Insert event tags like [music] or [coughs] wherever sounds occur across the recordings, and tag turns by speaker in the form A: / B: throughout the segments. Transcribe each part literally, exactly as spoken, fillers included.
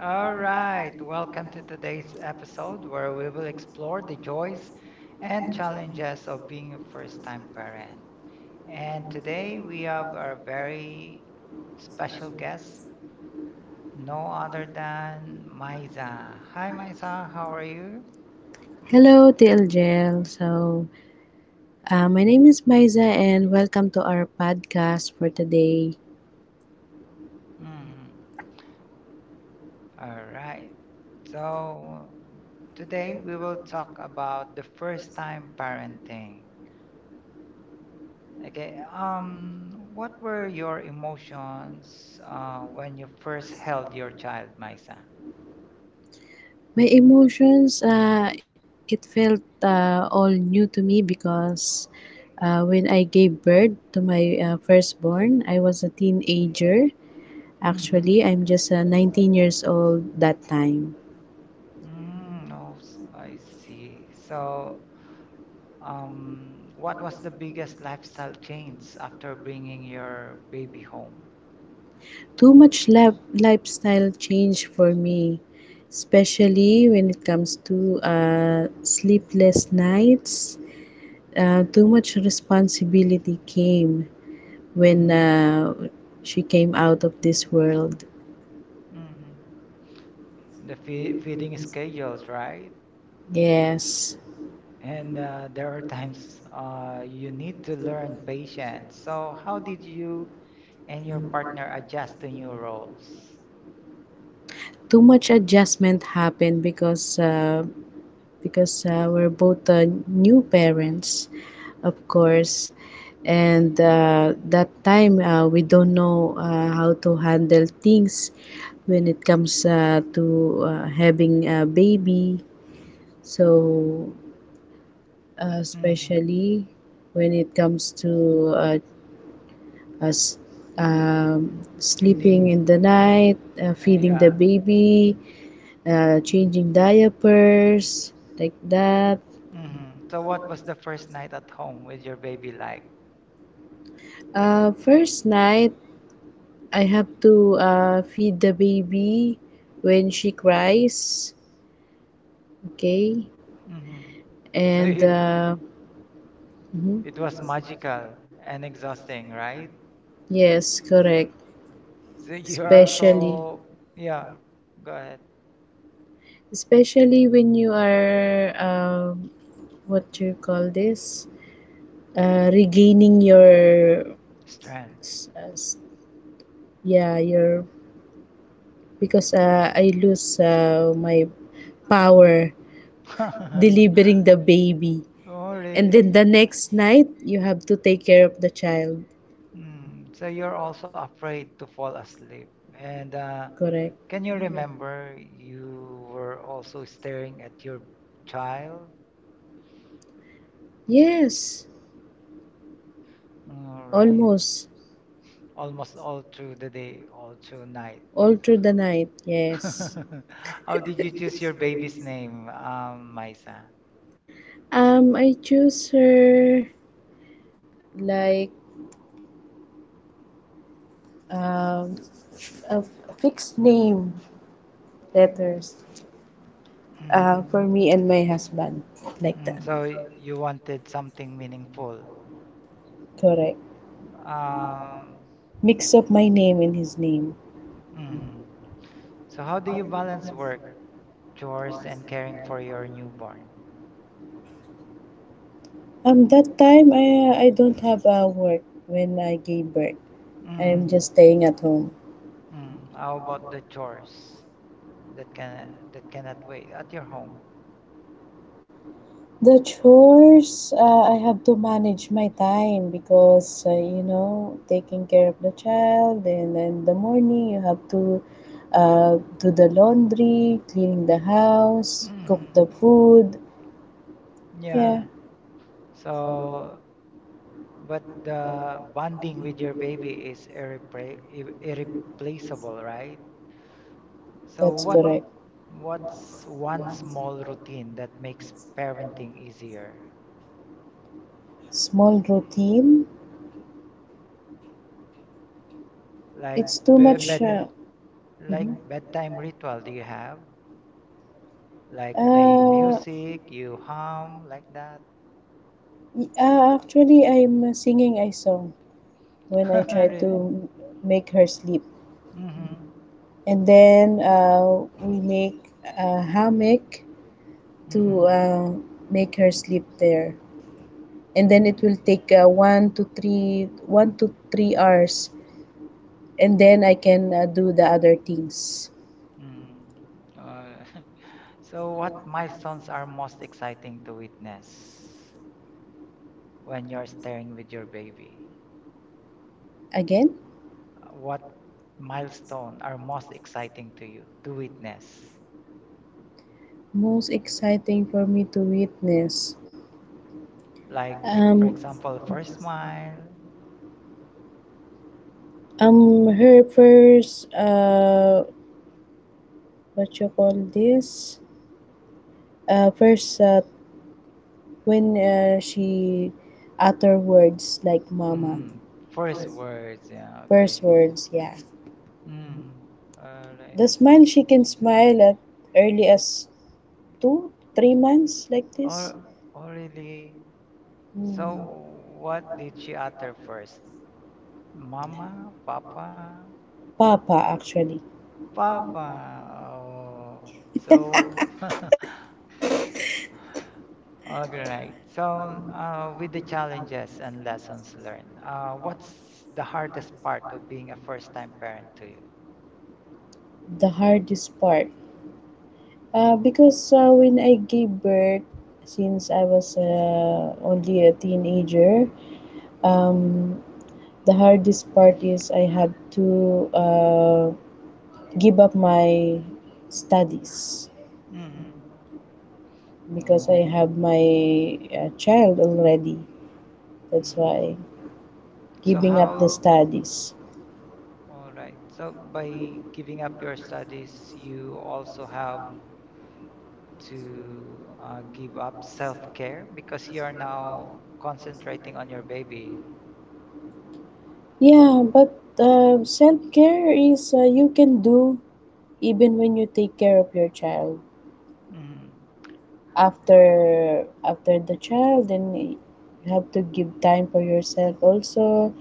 A: All right, welcome to today's episode where we will explore the joys and challenges of being a first time parent. And today we have our very special guest, no other than Maiza. Hi, Maiza, how are you?
B: Hello, T L G L. So, uh, my name is Maiza, and welcome to our podcast for today.
A: Mm, all right. So, today we will talk about the first time parenting. Okay, um, what were your emotions uh, when you first held your child, Maisa?
B: My emotions, uh, it felt uh, all new to me because uh, when I gave birth to my uh, firstborn, I was a teenager.
A: Mm-hmm.
B: Actually, I'm just uh, nineteen years old that time.
A: Mm, oh, s- I see. So, um, what was the biggest lifestyle change after bringing your baby home?
B: Too much lab- lifestyle change for me, especially when it comes to uh, sleepless nights, uh, too much responsibility came when
A: Mm-hmm.
B: uh, she came out of this world.
A: Mm-hmm. The fe feeding schedules, right?
B: Yes,
A: And uh, there are times uh, you need to learn patience. So, how did you and your partner adjust to new roles?
B: too much adjustment happened because uh, because uh, we're both uh, new parents, of course, and uh, that time uh, we don't know uh, how to handle things when it comes uh, to uh, having a baby. So, uh, especially when it comes to uh, us, um, sleeping
A: Feeding.
B: in the
A: Mm,
B: night, uh,
A: uh,
B: feeding the
A: yeah.
B: baby, uh, changing diapers, like that.
A: Mm-hmm. So what was the first night at home with your baby like?
B: Uh, first night, I have to uh, feed the baby when she cries, okay?
A: Mm-hmm. [laughs] So
B: And
A: it,
B: uh,
A: it
B: Mhm.
A: was magical and exhausting, right?
B: Yes, correct.
A: So you are
B: Especially,
A: also, yeah, go ahead.
B: especially when you are, um, what do you call this? Uh, regaining your
A: Strength.
B: s- uh, s- yeah your because uh, I lose uh, my power
A: [laughs]
B: delivering the baby,
A: Oh,
B: and then
A: really?
B: the next night you have to take care of the child.
A: Mm. So you're also afraid to fall asleep. And uh,
B: Correct.
A: can you remember you were also staring at your child?
B: Yes.
A: All right.
B: Almost
A: Almost all through the day, all through night.
B: all through the night. Yes.
A: [laughs] How did you choose your baby's name, um, Maisa?
B: um I choose her like, um a f- fixed name letters uh,
A: Mm,
B: for me and my husband, like that.
A: mm, so you wanted something meaningful.
B: Correct.
A: Um,
B: Mix up my name and his name.
A: mm. So how do you balance work, chores, and caring for your newborn?
B: Um, that time, I I don't have a work when I gave birth.
A: Mm.
B: I'm just staying at home.
A: Mm, how about the chores that can that cannot wait at your home?
B: The chores, uh, I have to manage my time because uh, you know taking care of the child, and then the morning you have to uh, do the laundry, cleaning the house, cook
A: Hmm.
B: the food.
A: Yeah.
B: Yeah,
A: So, but the bonding with your baby is irrepla ir- irreplaceable, right? So
B: that's
A: what
B: correct.
A: what's one small routine that makes parenting easier?
B: Small routine.
A: Like
B: It's too
A: be
B: much.
A: bed
B: Uh,
A: like
B: mhm.
A: bedtime ritual do you have? Like playing
B: Uh,
A: music, you hum like that?
B: y- uh, actually, I'm singing a song when I
A: [laughs]
B: try
A: Really?
B: to make her sleep,
A: Mm-hmm.
B: and then uh, we make a hammock
A: Mm-hmm.
B: to uh, make her sleep there, and then
A: Mm-hmm.
B: it will take uh, one to three one to three hours, and then I can uh, do the other things
A: Mm. Uh, [laughs] so what milestones are most exciting to witness when you're staring with your baby?
B: again.
A: Uh, What milestone are most exciting to you to witness?
B: Most exciting for me to witness.
A: Like, for
B: Um,
A: example, first smile,
B: um her first, uh what you call this, uh first, uh, when uh, she utter words like mama,
A: mm, first words, yeah,
B: first
A: okay.
B: words, yeah.
A: Mm, all right.
B: The
A: So,
B: smile, she can smile at early as two three months, like this.
A: oh, oh, really? So
B: Hmm.
A: what did she utter first? Mama, Papa?
B: Papa, actually.
A: Papa. Oh, so [laughs] all right. So, uh, with the challenges and lessons learned, uh, what's the hardest part of being a first-time parent to you?
B: The hardest part, uh, because uh, when I gave birth, since I was uh, only a teenager, um the hardest part is I had to uh, give up my studies
A: Mm-hmm.
B: because I
A: No.
B: have my uh, child already. That's
A: Mm.
B: why,
A: So
B: giving up the
A: how,
B: studies.
A: all right. So by giving up your studies, you also have to uh, give up self-care because you are now concentrating on your baby.
B: Yeah, but uh, self care is, uh, you can do even when you take care of your child.
A: Mm-hmm.
B: After after the child, then you have to give time for yourself also.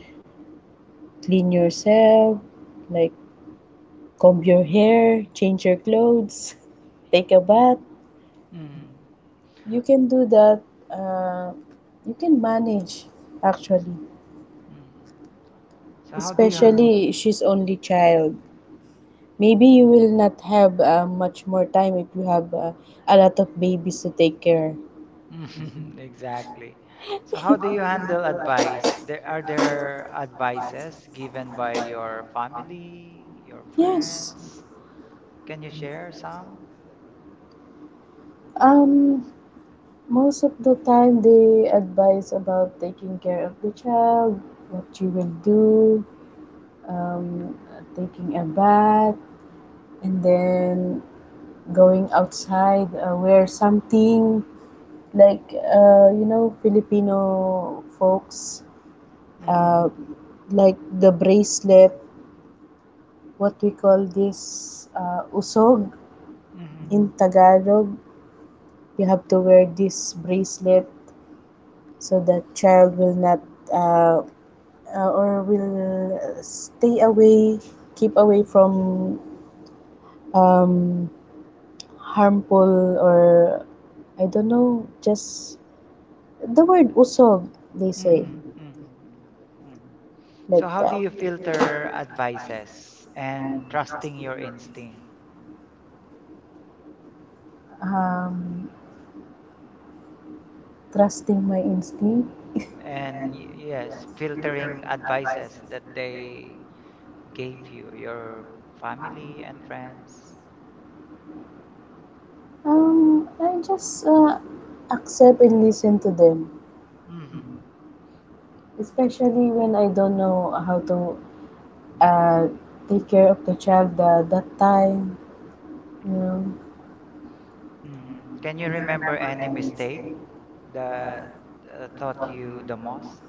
B: Clean yourself, like comb your hair, change your clothes, take a bath.
A: Mm-hmm.
B: You can do that. Uh, you can manage, actually.
A: So how do you ha
B: Especially if she's only child. Maybe you will not have uh, much more time if you have uh, a lot of babies to take care.
A: [laughs] Exactly. So how do you handle advice? There are there advices given by your family, your
B: Yes.
A: friends? Can you share some?
B: Um. Most of the time, they advise about taking care of the child, what you will do, um, taking a bath, and then going outside, uh, wear something like, uh, you know Filipino folks,
A: Mm-hmm.
B: uh, like the bracelet, what we call this, uh, usog
A: Mm-hmm.
B: in Tagalog. You have to wear this bracelet so that child will not uh, uh, or will stay away, keep away from, um, harmful, or I don't know, just the word usog, they say,
A: Mm-hmm. Mm-hmm. Mm-hmm.
B: like
A: So how do
B: that.
A: you filter advices and trusting your instinct?
B: Um, Trusting my instinct.
A: And y- yes, filtering advices that they gave you, your family and friends.
B: Um, I just uh, accept and listen to them, especially when I don't know how to uh, take care of the child at that time. You know,
A: Mhm. Can you remember any mistake that uh, taught you the most?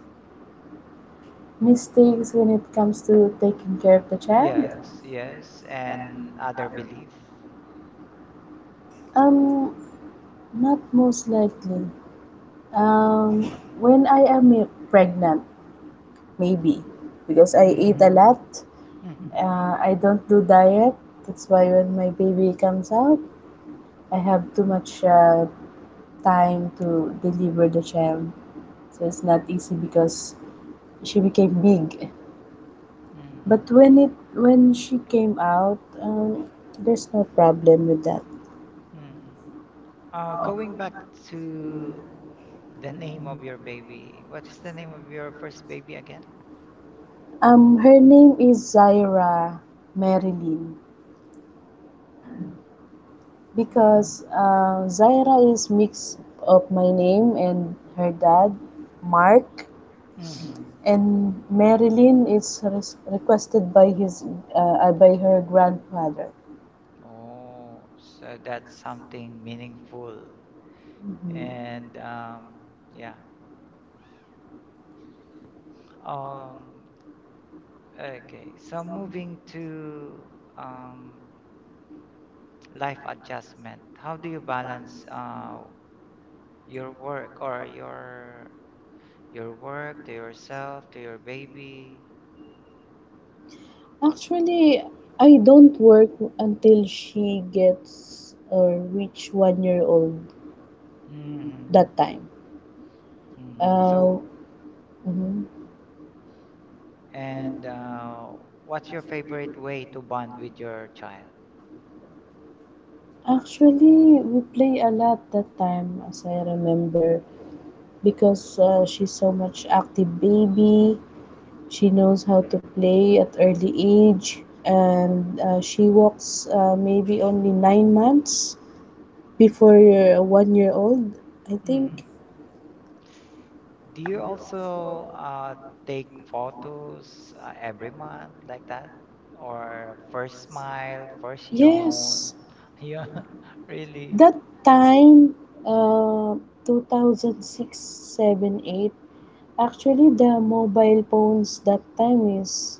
B: mistakes when it comes to taking care of the child.
A: Yes, yes, and other belief.
B: Um, not most likely. Um, when I am i- pregnant, maybe because I
A: Mm-hmm.
B: eat a lot.
A: Mm-hmm.
B: Uh, I don't do diet. That's why when my baby comes out, I have too much uh, time to deliver the child. So it's not easy because she became big. But when
A: Mm-hmm.
B: it when she came out, um, there's no problem with that.
A: Mm-hmm. Uh, going back to the name of your baby, what is the name of your first baby again?
B: Um, her name is Zaira Marilyn,
A: Mm.
B: because uh, Zaira is mix of my name and her dad, Mark,
A: Mm-hmm.
B: and Marilyn is res- requested by his uh, uh, by her grandfather.
A: Oh, so that's something meaningful.
B: Mhm.
A: And um, yeah. Um, Okay, so moving to um, life adjustment, how do you balance uh, your work or your your work to yourself, to your baby?
B: Actually, I don't work until she gets or reach one year old
A: Hmm.
B: that time.
A: Hmm.
B: Uh,
A: So,
B: mhm.
A: and uh, what's your favorite way to bond with your child?
B: Actually, we play a lot that time, as I remember, because uh, she's so much active baby. She knows how to play at early age, and uh, she walks uh, maybe only nine months before uh, one year old, I
A: Hmm.
B: think.
A: Do you also uh, take photos uh, every month like that? Or first smile, first yawn?
B: Yes,
A: [laughs] Yeah, really.
B: that time, uh, two thousand six seven eight. Actually, the mobile phones that time is,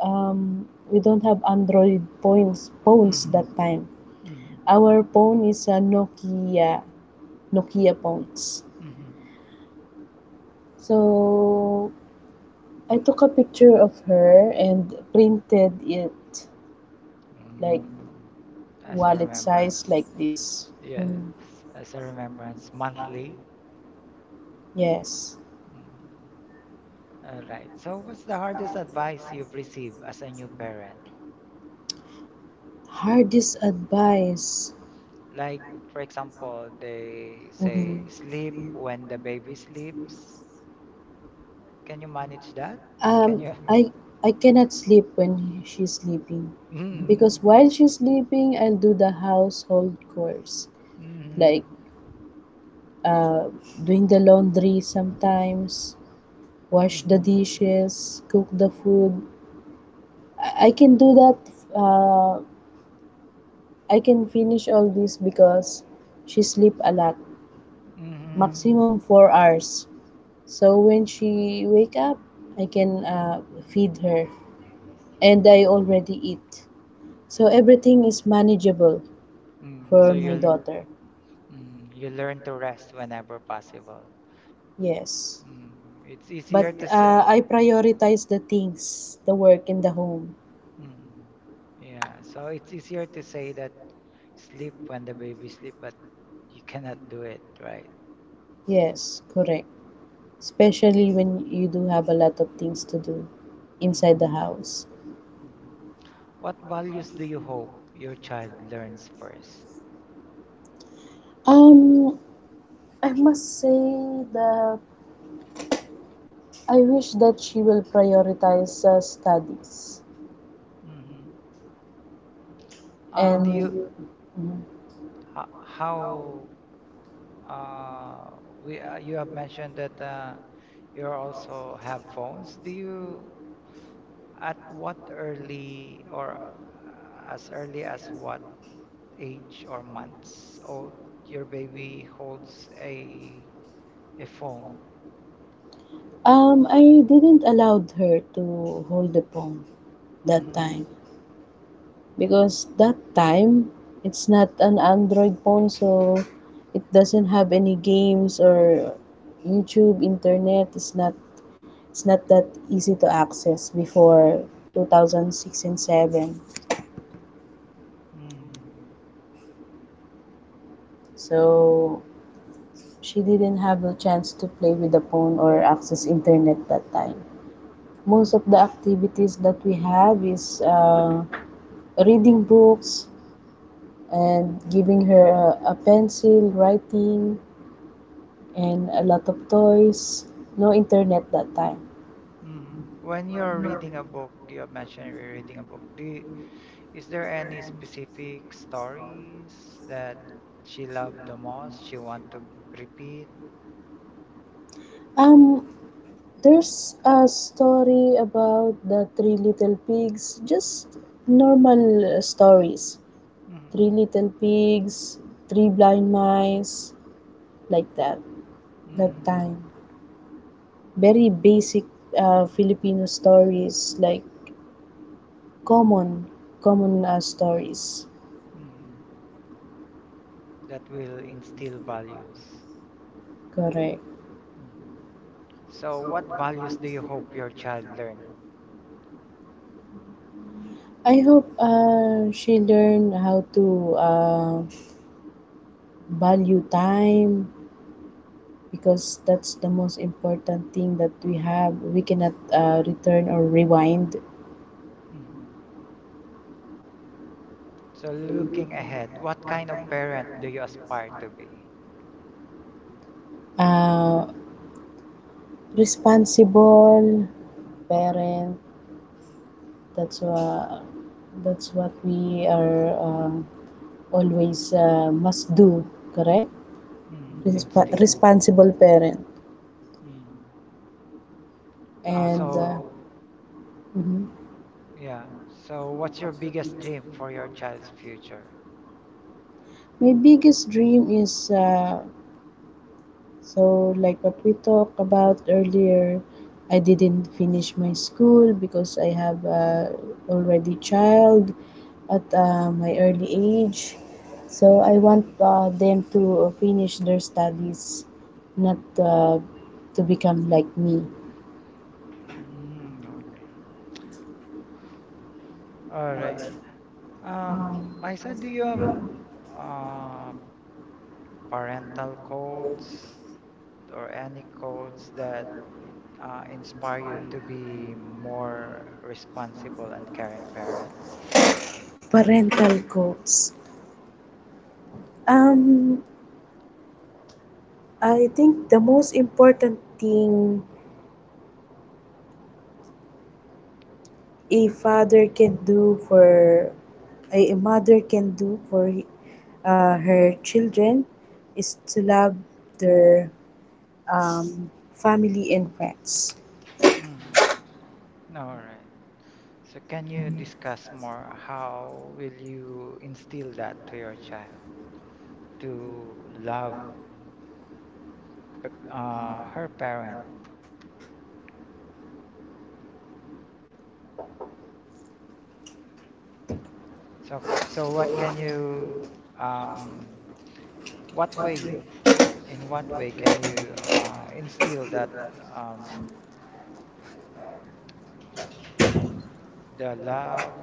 B: um, we don't have Android phones phones
A: Mm-hmm.
B: that time.
A: Mm-hmm.
B: Our phone is a Nokia, Nokia phones.
A: Mm-hmm.
B: So I took a picture of her and printed it like
A: Mm. As a
B: wallet size,
A: remembrance.
B: like this.
A: Yes,
B: Mm,
A: as a remembrance monthly.
B: yes.
A: Mm. All right. So, what's the hardest advice you've received as a new parent?
B: Hardest advice.
A: Like, for example, they
B: Mhm.
A: say sleep
B: you
A: when the baby sleeps. Can you
B: Can
A: manage that?
B: that?
A: Can
B: Um,
A: you?
B: I I cannot sleep when she's sleeping, mm because
A: [laughs]
B: while she's sleeping, I'll do the household chores,
A: Mm, mm,
B: like uh, doing the laundry sometimes, wash the
A: mm,
B: dishes, cook the food. I I can do that. Uh, I can finish all this because she sleep a lot,
A: mm,
B: maximum four hours. So when she wake up, I can uh, feed her, and I already eat. So everything is manageable
A: mm. So
B: for my
A: you'll
B: daughter.
A: mm, you learn to rest whenever possible.
B: Yes,
A: Mm, it's
B: but
A: easier to say.
B: uh, I prioritize the things, the work in the home.
A: Mm, yeah, so it's easier to say that sleep when the baby sleep, but you cannot do it, right?
B: Yes, correct. Especially when you do have a lot of things to do
A: Mm,
B: inside the house.
A: mm. What values do you hope your child learns first.
B: Um, I must say that I wish that she will prioritize uh, studies.
A: Mm-hmm. Uh, do
B: And
A: you
B: Mhm.
A: ho- how uh, we uh, you have mentioned that uh, you also have phones. Do you at what early or uh, as early as what age or months old, your baby holds a a phone.
B: um, I didn't allow her to hold the phone that
A: Mm-hmm.
B: time because, that time, it's not an Android phone, so it doesn't have any games or YouTube, internet. It's not it's not that easy to access before two thousand six and seven,
A: Mm.
B: so she didn't have a chance to play with the phone or access internet that time. Most of the activities that we have is uh, reading books and giving her a, a pencil, writing, and a lot of toys. No internet that time.
A: Mm. When you're reading a book, you mentioned you're reading a book. Do you, is there any specific stories that she loved the most, she want to repeat?
B: um There's a story about the three little pigs, just normal uh, stories.
A: Mm.
B: Three little pigs, three blind mice, like that, that
A: Mm.
B: time. Very basic uh, Filipino stories, like common, common uh, stories.
A: Mm. That will instill values.
B: Correct.
A: Mm. So, what values do you hope your child learn?
B: I hope uh, she learned how to uh, value time, because that's the most important thing that we have. We cannot uh, return or rewind.
A: Mm. So looking ahead, what kind of parent do you aspire to be?
B: Uh, Responsible parent. That's uh, that's what we are uh, always uh, must do. Correct.
A: Mm,
B: Resp-
A: instill.
B: responsible parent.
A: Mm. Uh,
B: And uh,
A: so
B: mhm.
A: yeah. So what's your biggest dream for your child's future?
B: My biggest dream is, Uh, so, like what we talked about earlier, I didn't finish my school because I have uh, already child at uh, my early age. So I want uh, them to finish their studies, not uh, to become like me.
A: Mm, okay. All right. Um, Maisa, do you have uh, parental quotes or any quotes that uh, inspire you to be more responsible and caring parent?
B: Parental goals. Um, I think the most important thing a father can do for a a mother can do for he- uh, her children is to love their, um, family and friends.
A: Mm-hmm. All right. So can you discuss more how will you instill that to your child to love p- uh, her parent? So so what can you um what way in what way can you uh, instill that um the love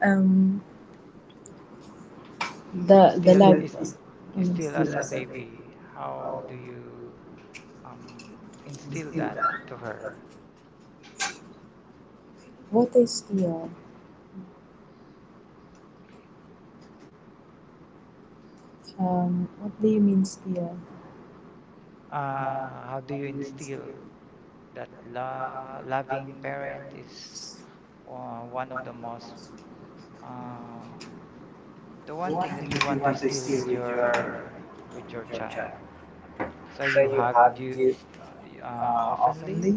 B: Um,
A: is
B: the the
A: still
B: love.
A: is, is still as a
B: Mm.
A: baby how do you um instill that to her?
B: What is steal? Um, what do you mean still?
A: Uh, how do you instill that lo- loving parent is uh, one of the most um, the one thing that you want to instill with your with your child. So you hug, you uh, y- uh, oftenly,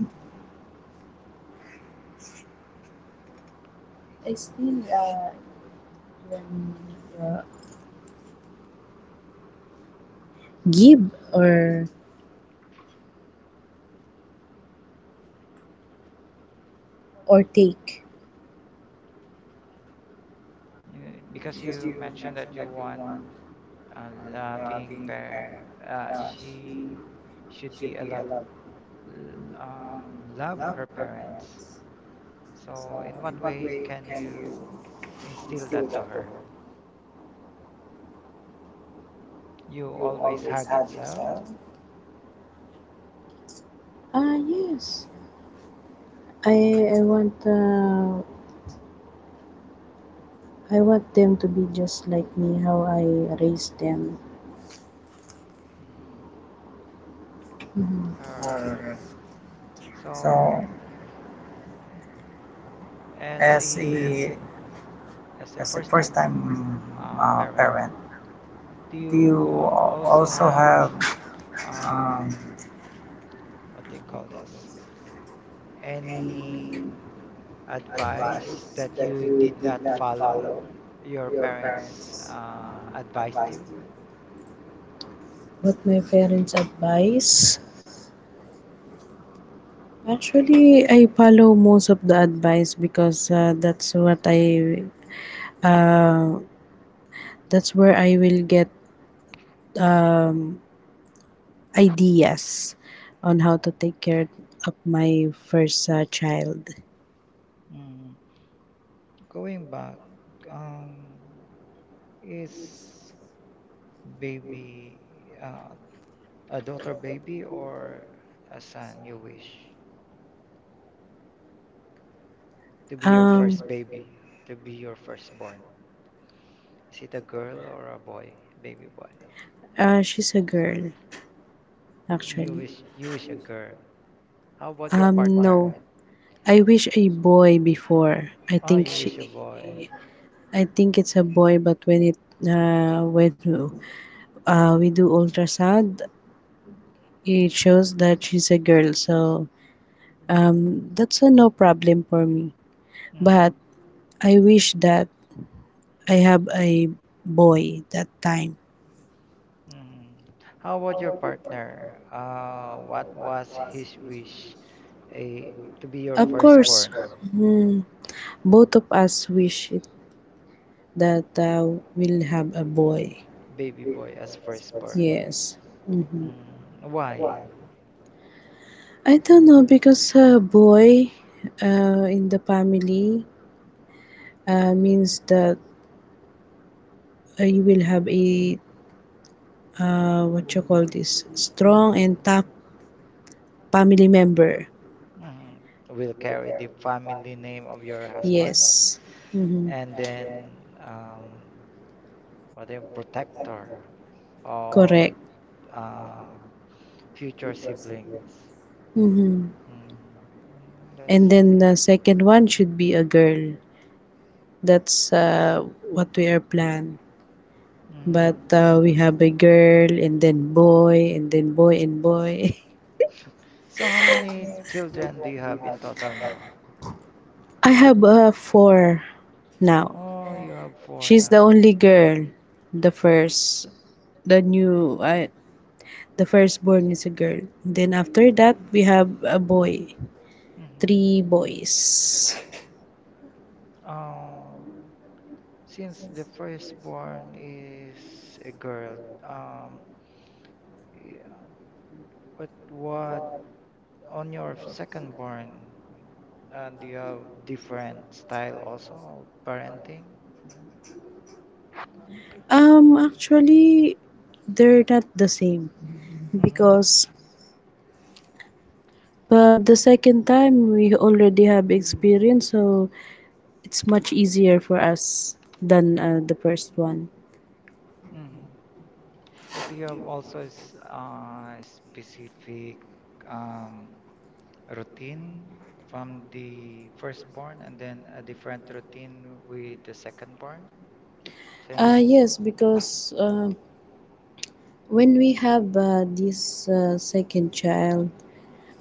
B: I still, uh, when, uh, give, or or take.
A: uh, because you mentioned that you want a loving parent. Uh, she should be a love um, love her parents. So in what way can you instill that to her? You always hug itself.
B: Ah yes, I I want, uh, I want them to be just like me, how I raised them.
A: Mm.
B: Mhm.
A: Alright. So, as a as a first-time uh, parent, do you al- also have um, what do you call this? Any advice that you did not follow? Your parents uh, advised you?
B: What my parents advise? Actually, I follow most of the advice because, uh, that's what I, uh, that's where I will get ideas on how to take care of my first uh, child.
A: Mm, going back, um, is baby uh, a daughter baby or a son you wish? To be your
B: Um,
A: first baby, to be your firstborn. Is it a girl or a boy, baby boy?
B: uh, she's a girl,
A: Y- You
B: actually.
A: wish you wish a girl. How about your
B: Um,
A: partner?
B: no. I wish a boy before. I
A: Oh,
B: think
A: you wish a
B: she
A: boy.
B: I think it's a boy, but when it uh, when uh, we do ultrasound, it shows that she's a girl. So, um, that's a no problem for me.
A: Mm,
B: But I wish that I have a boy that time.
A: mm. How about your partner? Uh, what was his wish? A To be your
B: Of course,
A: firstborn,
B: mm, both of us wish it, that uh, we'll have a boy.
A: baby boy as firstborn.
B: Yes. Mhm.
A: Mm, why?
B: I don't know because, uh, boy uh, in the family uh, means that uh, you will have a, uh, what you call this, strong and tough family member.
A: Mm, will carry the family name of your husband
B: Yes. Mm-hmm.
A: and then um, what a protector of
B: Correct.
A: um, future siblings.
B: Mm-hmm.
A: Mm, mm,
B: And
A: that's
B: then,
A: okay.
B: the second one should be a girl, that's uh, what we are planned.
A: Mm.
B: But uh, we have a girl and then boy and then boy and boy.
A: So how many children do you have in total now?
B: [laughs] I have uh, four now.
A: Oh, you have four
B: She's the
A: now.
B: only girl. the first the new I The firstborn is a girl. Then after that, we have a boy.
A: Mm-hmm.
B: Three boys.
A: Uh, since the firstborn is a girl, um, yeah, what what on your second born, uh, do you have different style also of parenting?
B: Um, actually, they're not the same,
A: Mm-hmm.
B: because, but the second time we already have experience, so it's much easier for us than uh, the first one.
A: Mm-hmm. So do you have also s- uh, specific um, routine from the firstborn and then a different routine with the secondborn?
B: Uh,
A: Since,
B: yes, because uh, when we have uh, this uh, second child,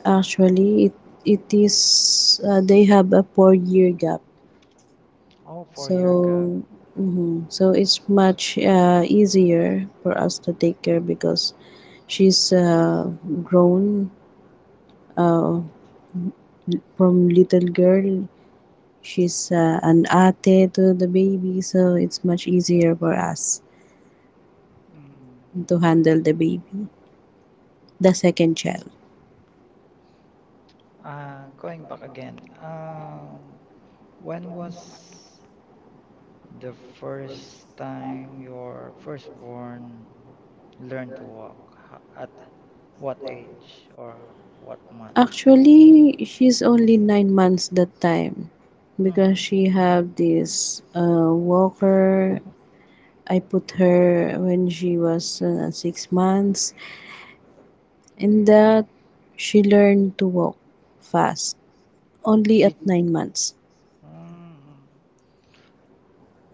B: actually it it is, uh, they have a four year gap.
A: oh, four-year gap.
B: So, mhm. So it's much uh, easier for us to take care because she's uh, grown, uh, from little girl. She's uh, an ate to the baby, so it's much easier for us
A: Mm.
B: to handle the baby, the second child.
A: Uh, going back again, um, when was the first time your firstborn learn to walk? Ho- at what age or what month?
B: Actually, she's only nine months that time because
A: Mm-hmm.
B: she have this uh, walker. I put her when she was uh, six months, and that she learned to walk fast only at
A: Did
B: nine months.
A: mm,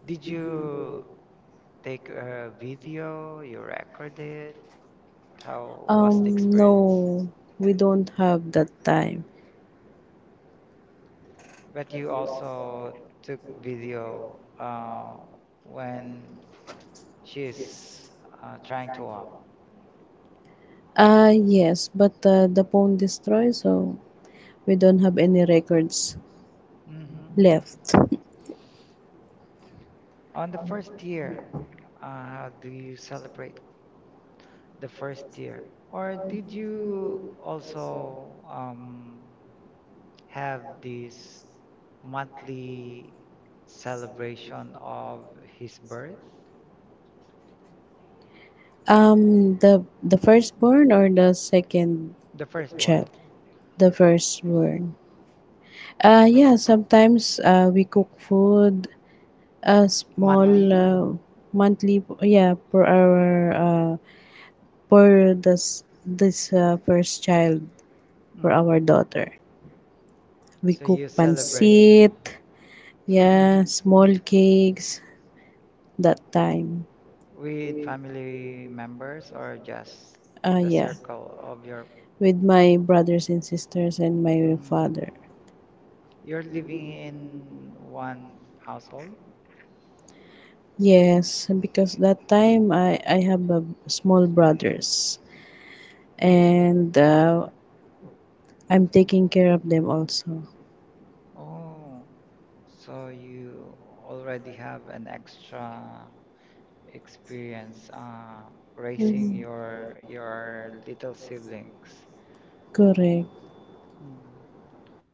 A: did you take a video? You recorded? How was the
B: Um,
A: experience?
B: no, we don't have that time.
A: But you also took video uh, when she's uh, trying to walk.
B: Ah, yes, but uh, the phone destroyed, so we don't have any records
A: Hmm.
B: left. [laughs]
A: On the first year, uh, how do you celebrate the first year? Or did you also um, have this monthly celebration of his birth,
B: Um, the the firstborn or the second
A: the firstborn,
B: child? The firstborn. Ah, yeah, sometimes uh, we cook food. A small
A: monthly.
B: uh, monthly, yeah, for our uh, for this this uh, first child, for
A: Hmm.
B: our daughter. We
A: So
B: cook
A: you celebrate
B: pancit, yeah,
A: [laughs]
B: small cakes that time.
A: with family members or just
B: Uh,
A: the
B: yeah,
A: circle of your.
B: with my brothers and sisters and my
A: Mm,
B: father.
A: you're living in one household?
B: Yes, because that time I I have a small brothers
A: Mm.
B: and uh, I'm taking care of them also.
A: Oh, so you already have an extra experience um, raising
B: Mhm.
A: your your little siblings.
B: Correct.
A: Mm.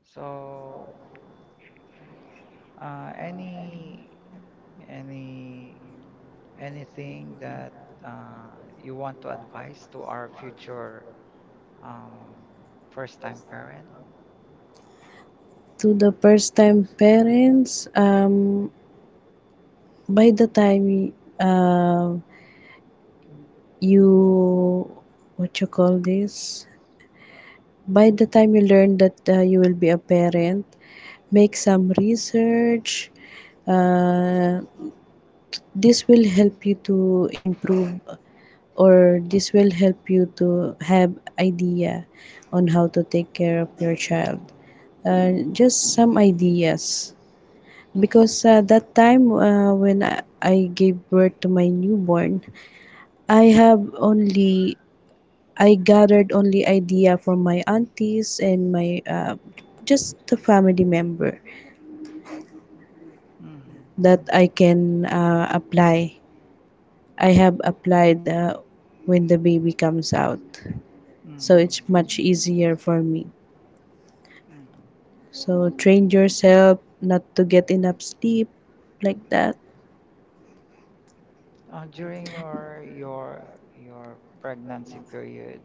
A: So, uh, any any anything that uh, you want to advise to our future um, first-time parent?
B: To the first time parents, um, by the time uh, you, what you call this? By the time you learn that uh, you will be a parent, make some research. Uh, this will help you to improve, or this will help you to have idea on how to take care of your child. Uh, just some ideas. Because uh, that time uh, when I, I gave birth to my newborn, I have only I gathered only idea from my aunties and my uh, just the family member
A: Mm-hmm.
B: that I can uh, apply. I have applied uh, when the baby comes out, so
A: Mm-hmm.
B: it's much easier for me. So train yourself not to get enough sleep like that.
A: Uh, during your your your pregnancy period,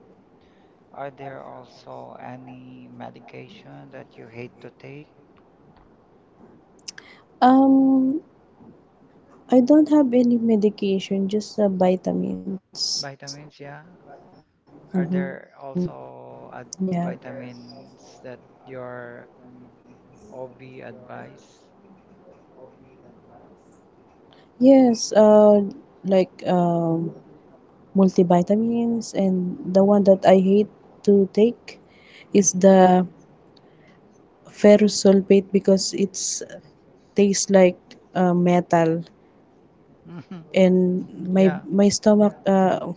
A: are there also any medication that you hate to take?
B: Um, I don't have any medication, just uh, vitamins.
A: Vitamins, yeah.
B: Mm-hmm.
A: Are
B: Yeah.
A: there also ad vitamins that your O B advice?
B: Yes, uh, like um, multivitamins, and the one that I hate to take is the ferrous sulfate because it's tastes like uh, metal,
A: Hmm.
B: and my
A: Yeah.
B: my stomach uh,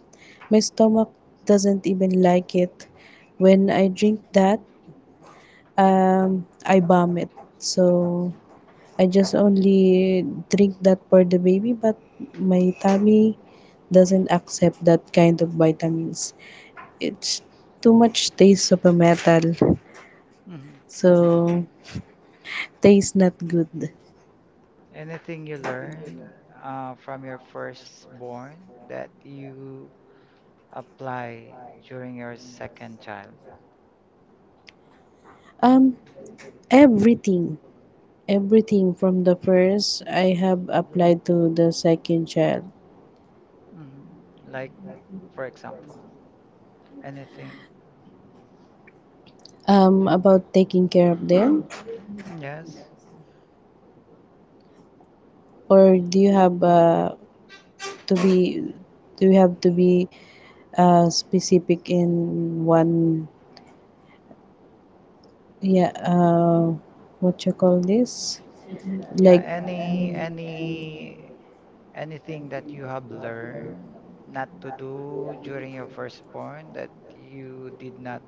B: my stomach doesn't even like it. When I drink that, um, I vomit. So I just only drink that for the baby, but my tummy doesn't accept that kind of vitamins. It's too much taste of a metal,
A: Hmm.
B: so taste not good.
A: Anything you learn uh, from your firstborn that you apply during your second child?
B: Um, everything, everything from the first I have applied to the second child.
A: Hmm. Like, for example, anything?
B: Um, about taking care of them,
A: Yes.
B: or do you have uh, to be, do you have to be uh, specific in one, yeah, uh what you call this,
A: Yeah,
B: like,
A: any any anything that you have learned not to do during your firstborn that you did not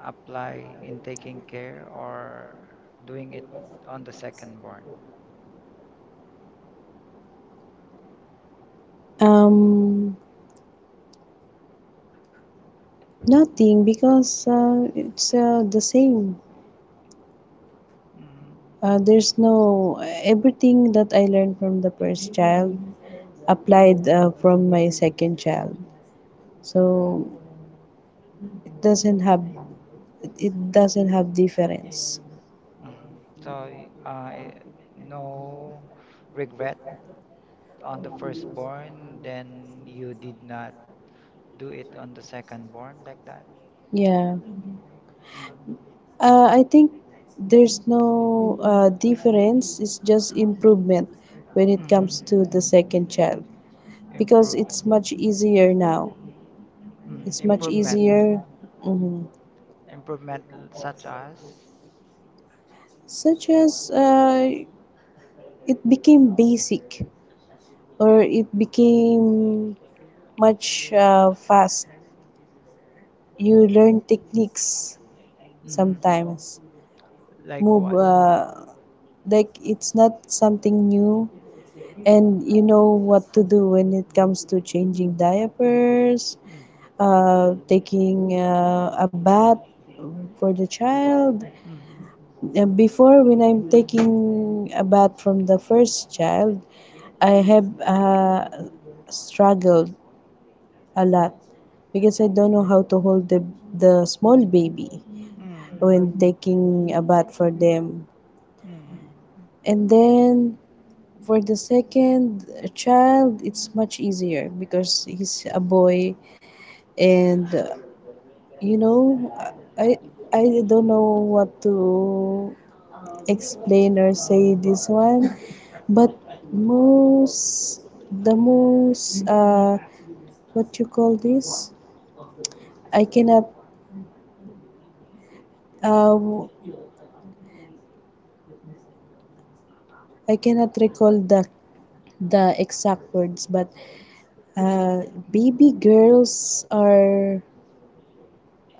A: apply in taking care or doing it on the secondborn?
B: um nothing, because uh, it's uh, the same.
A: Mhm,
B: Uh, there's no everything that I learned from the first child applied uh, from my second child, so it doesn't have it it doesn't have difference.
A: mhm. So, uh, i- no regret on the firstborn, then you did not do it on the secondborn like that?
B: Yeah,
A: Mm.
B: uh, I think there's no uh, difference, it's just improvement when it
A: Hmm.
B: comes to the second child, because it's
A: Improvement.
B: much easier now.
A: Mm.
B: It's much
A: Improvement.
B: easier, mhm.
A: Improvement such as?
B: Such as uh, it became basic, or it became much uh, fast. You learn techniques sometimes.
A: Like
B: Move
A: what?
B: uh, like it's not something new, and you know what to do when it comes to changing diapers, uh, taking uh, a bath for the child. Uh, Before, when I'm taking a bath from the first child, I have uh, struggled a lot because I don't know how to hold the, the small baby
A: Mhm. Mhm.
B: when taking a bath for them.
A: Mm. Mhm.
B: And then for the second child, it's much easier because he's a boy, and uh, you know, I I don't know what to explain or say this one, but most the most uh what you call this, I cannot uh I cannot recall the the exact words, but uh baby girls are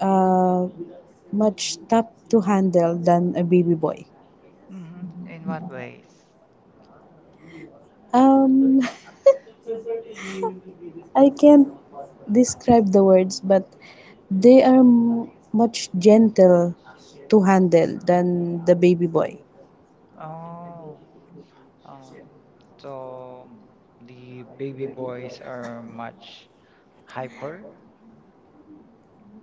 B: uh much tough to handle than a baby boy.
A: Mhm. In what ways?
B: um [laughs] I can't describe the words, but they are m- much gentle to handle than the baby boy.
A: Oh. Oh. So the baby boys are much hyper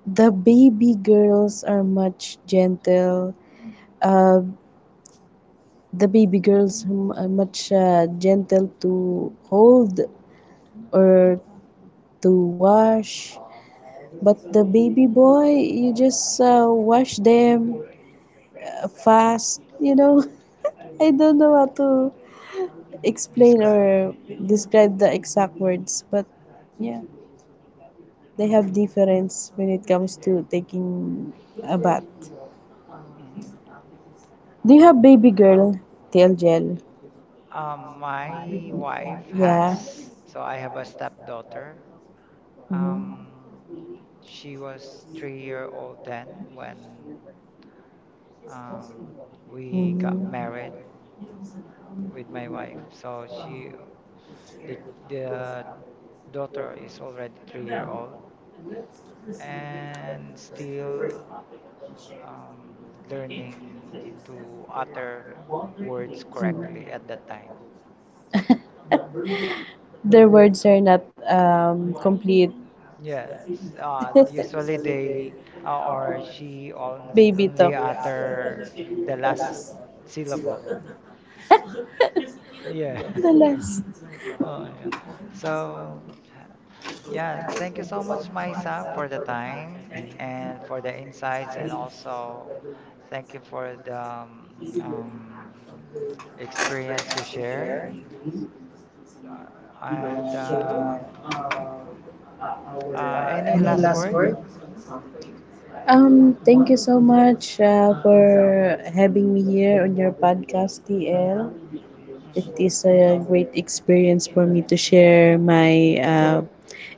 B: The baby girls are much gentle. Uh, the baby girls m- are much uh, gentle to hold or to wash. But the baby boy, you just uh, wash them uh, fast, you know. [laughs] I don't know how to explain
A: describe.
B: or describe the exact words, but yeah, they have
A: Mhm.
B: difference when it comes to taking a bath.
A: Mhm.
B: Do you have baby girl tail gel?
A: Um, my wife
B: Yeah.
A: has, so I have a stepdaughter.
B: Mm-hmm.
A: Um, she was three year old then when um, we got
B: Mm-hmm.
A: married with my wife. So she, the, the daughter is already three year old and still um, learning to utter words
B: Mm.
A: correctly at that time.
B: Their words are not um, complete. [laughs]
A: Yes, uh, usually they uh, or she on-
B: Baby
A: only
B: talk.
A: utter the last syllable. Yeah.
B: The
A: [laughs]
B: last.
A: Oh, yeah. So, yeah, thank you so much, Maisa, for the time and for the insights, and also thank you for the um, um, experience you shared. Uh, and uh, uh, any last word?
B: Um, thank you so much uh, for having me here on your podcast, T L.
A: Mm.
B: It is a great experience for me to share my uh,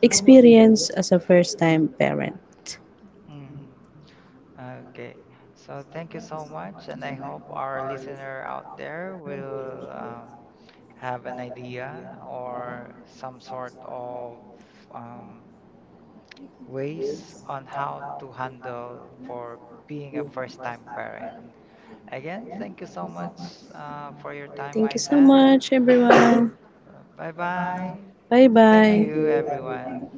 B: experience as a first time parent.
A: Mm. Okay. So thank you so much, and I hope our listener out there will um, have an idea or some sort of um, ways on how to handle for being a first time parent. Again, thank you so much uh, for your time,
B: Thank you so
A: Isa.
B: much, everyone.
A: Bye bye.
B: [coughs] Bye
A: Thank
B: bye.
A: you, everyone.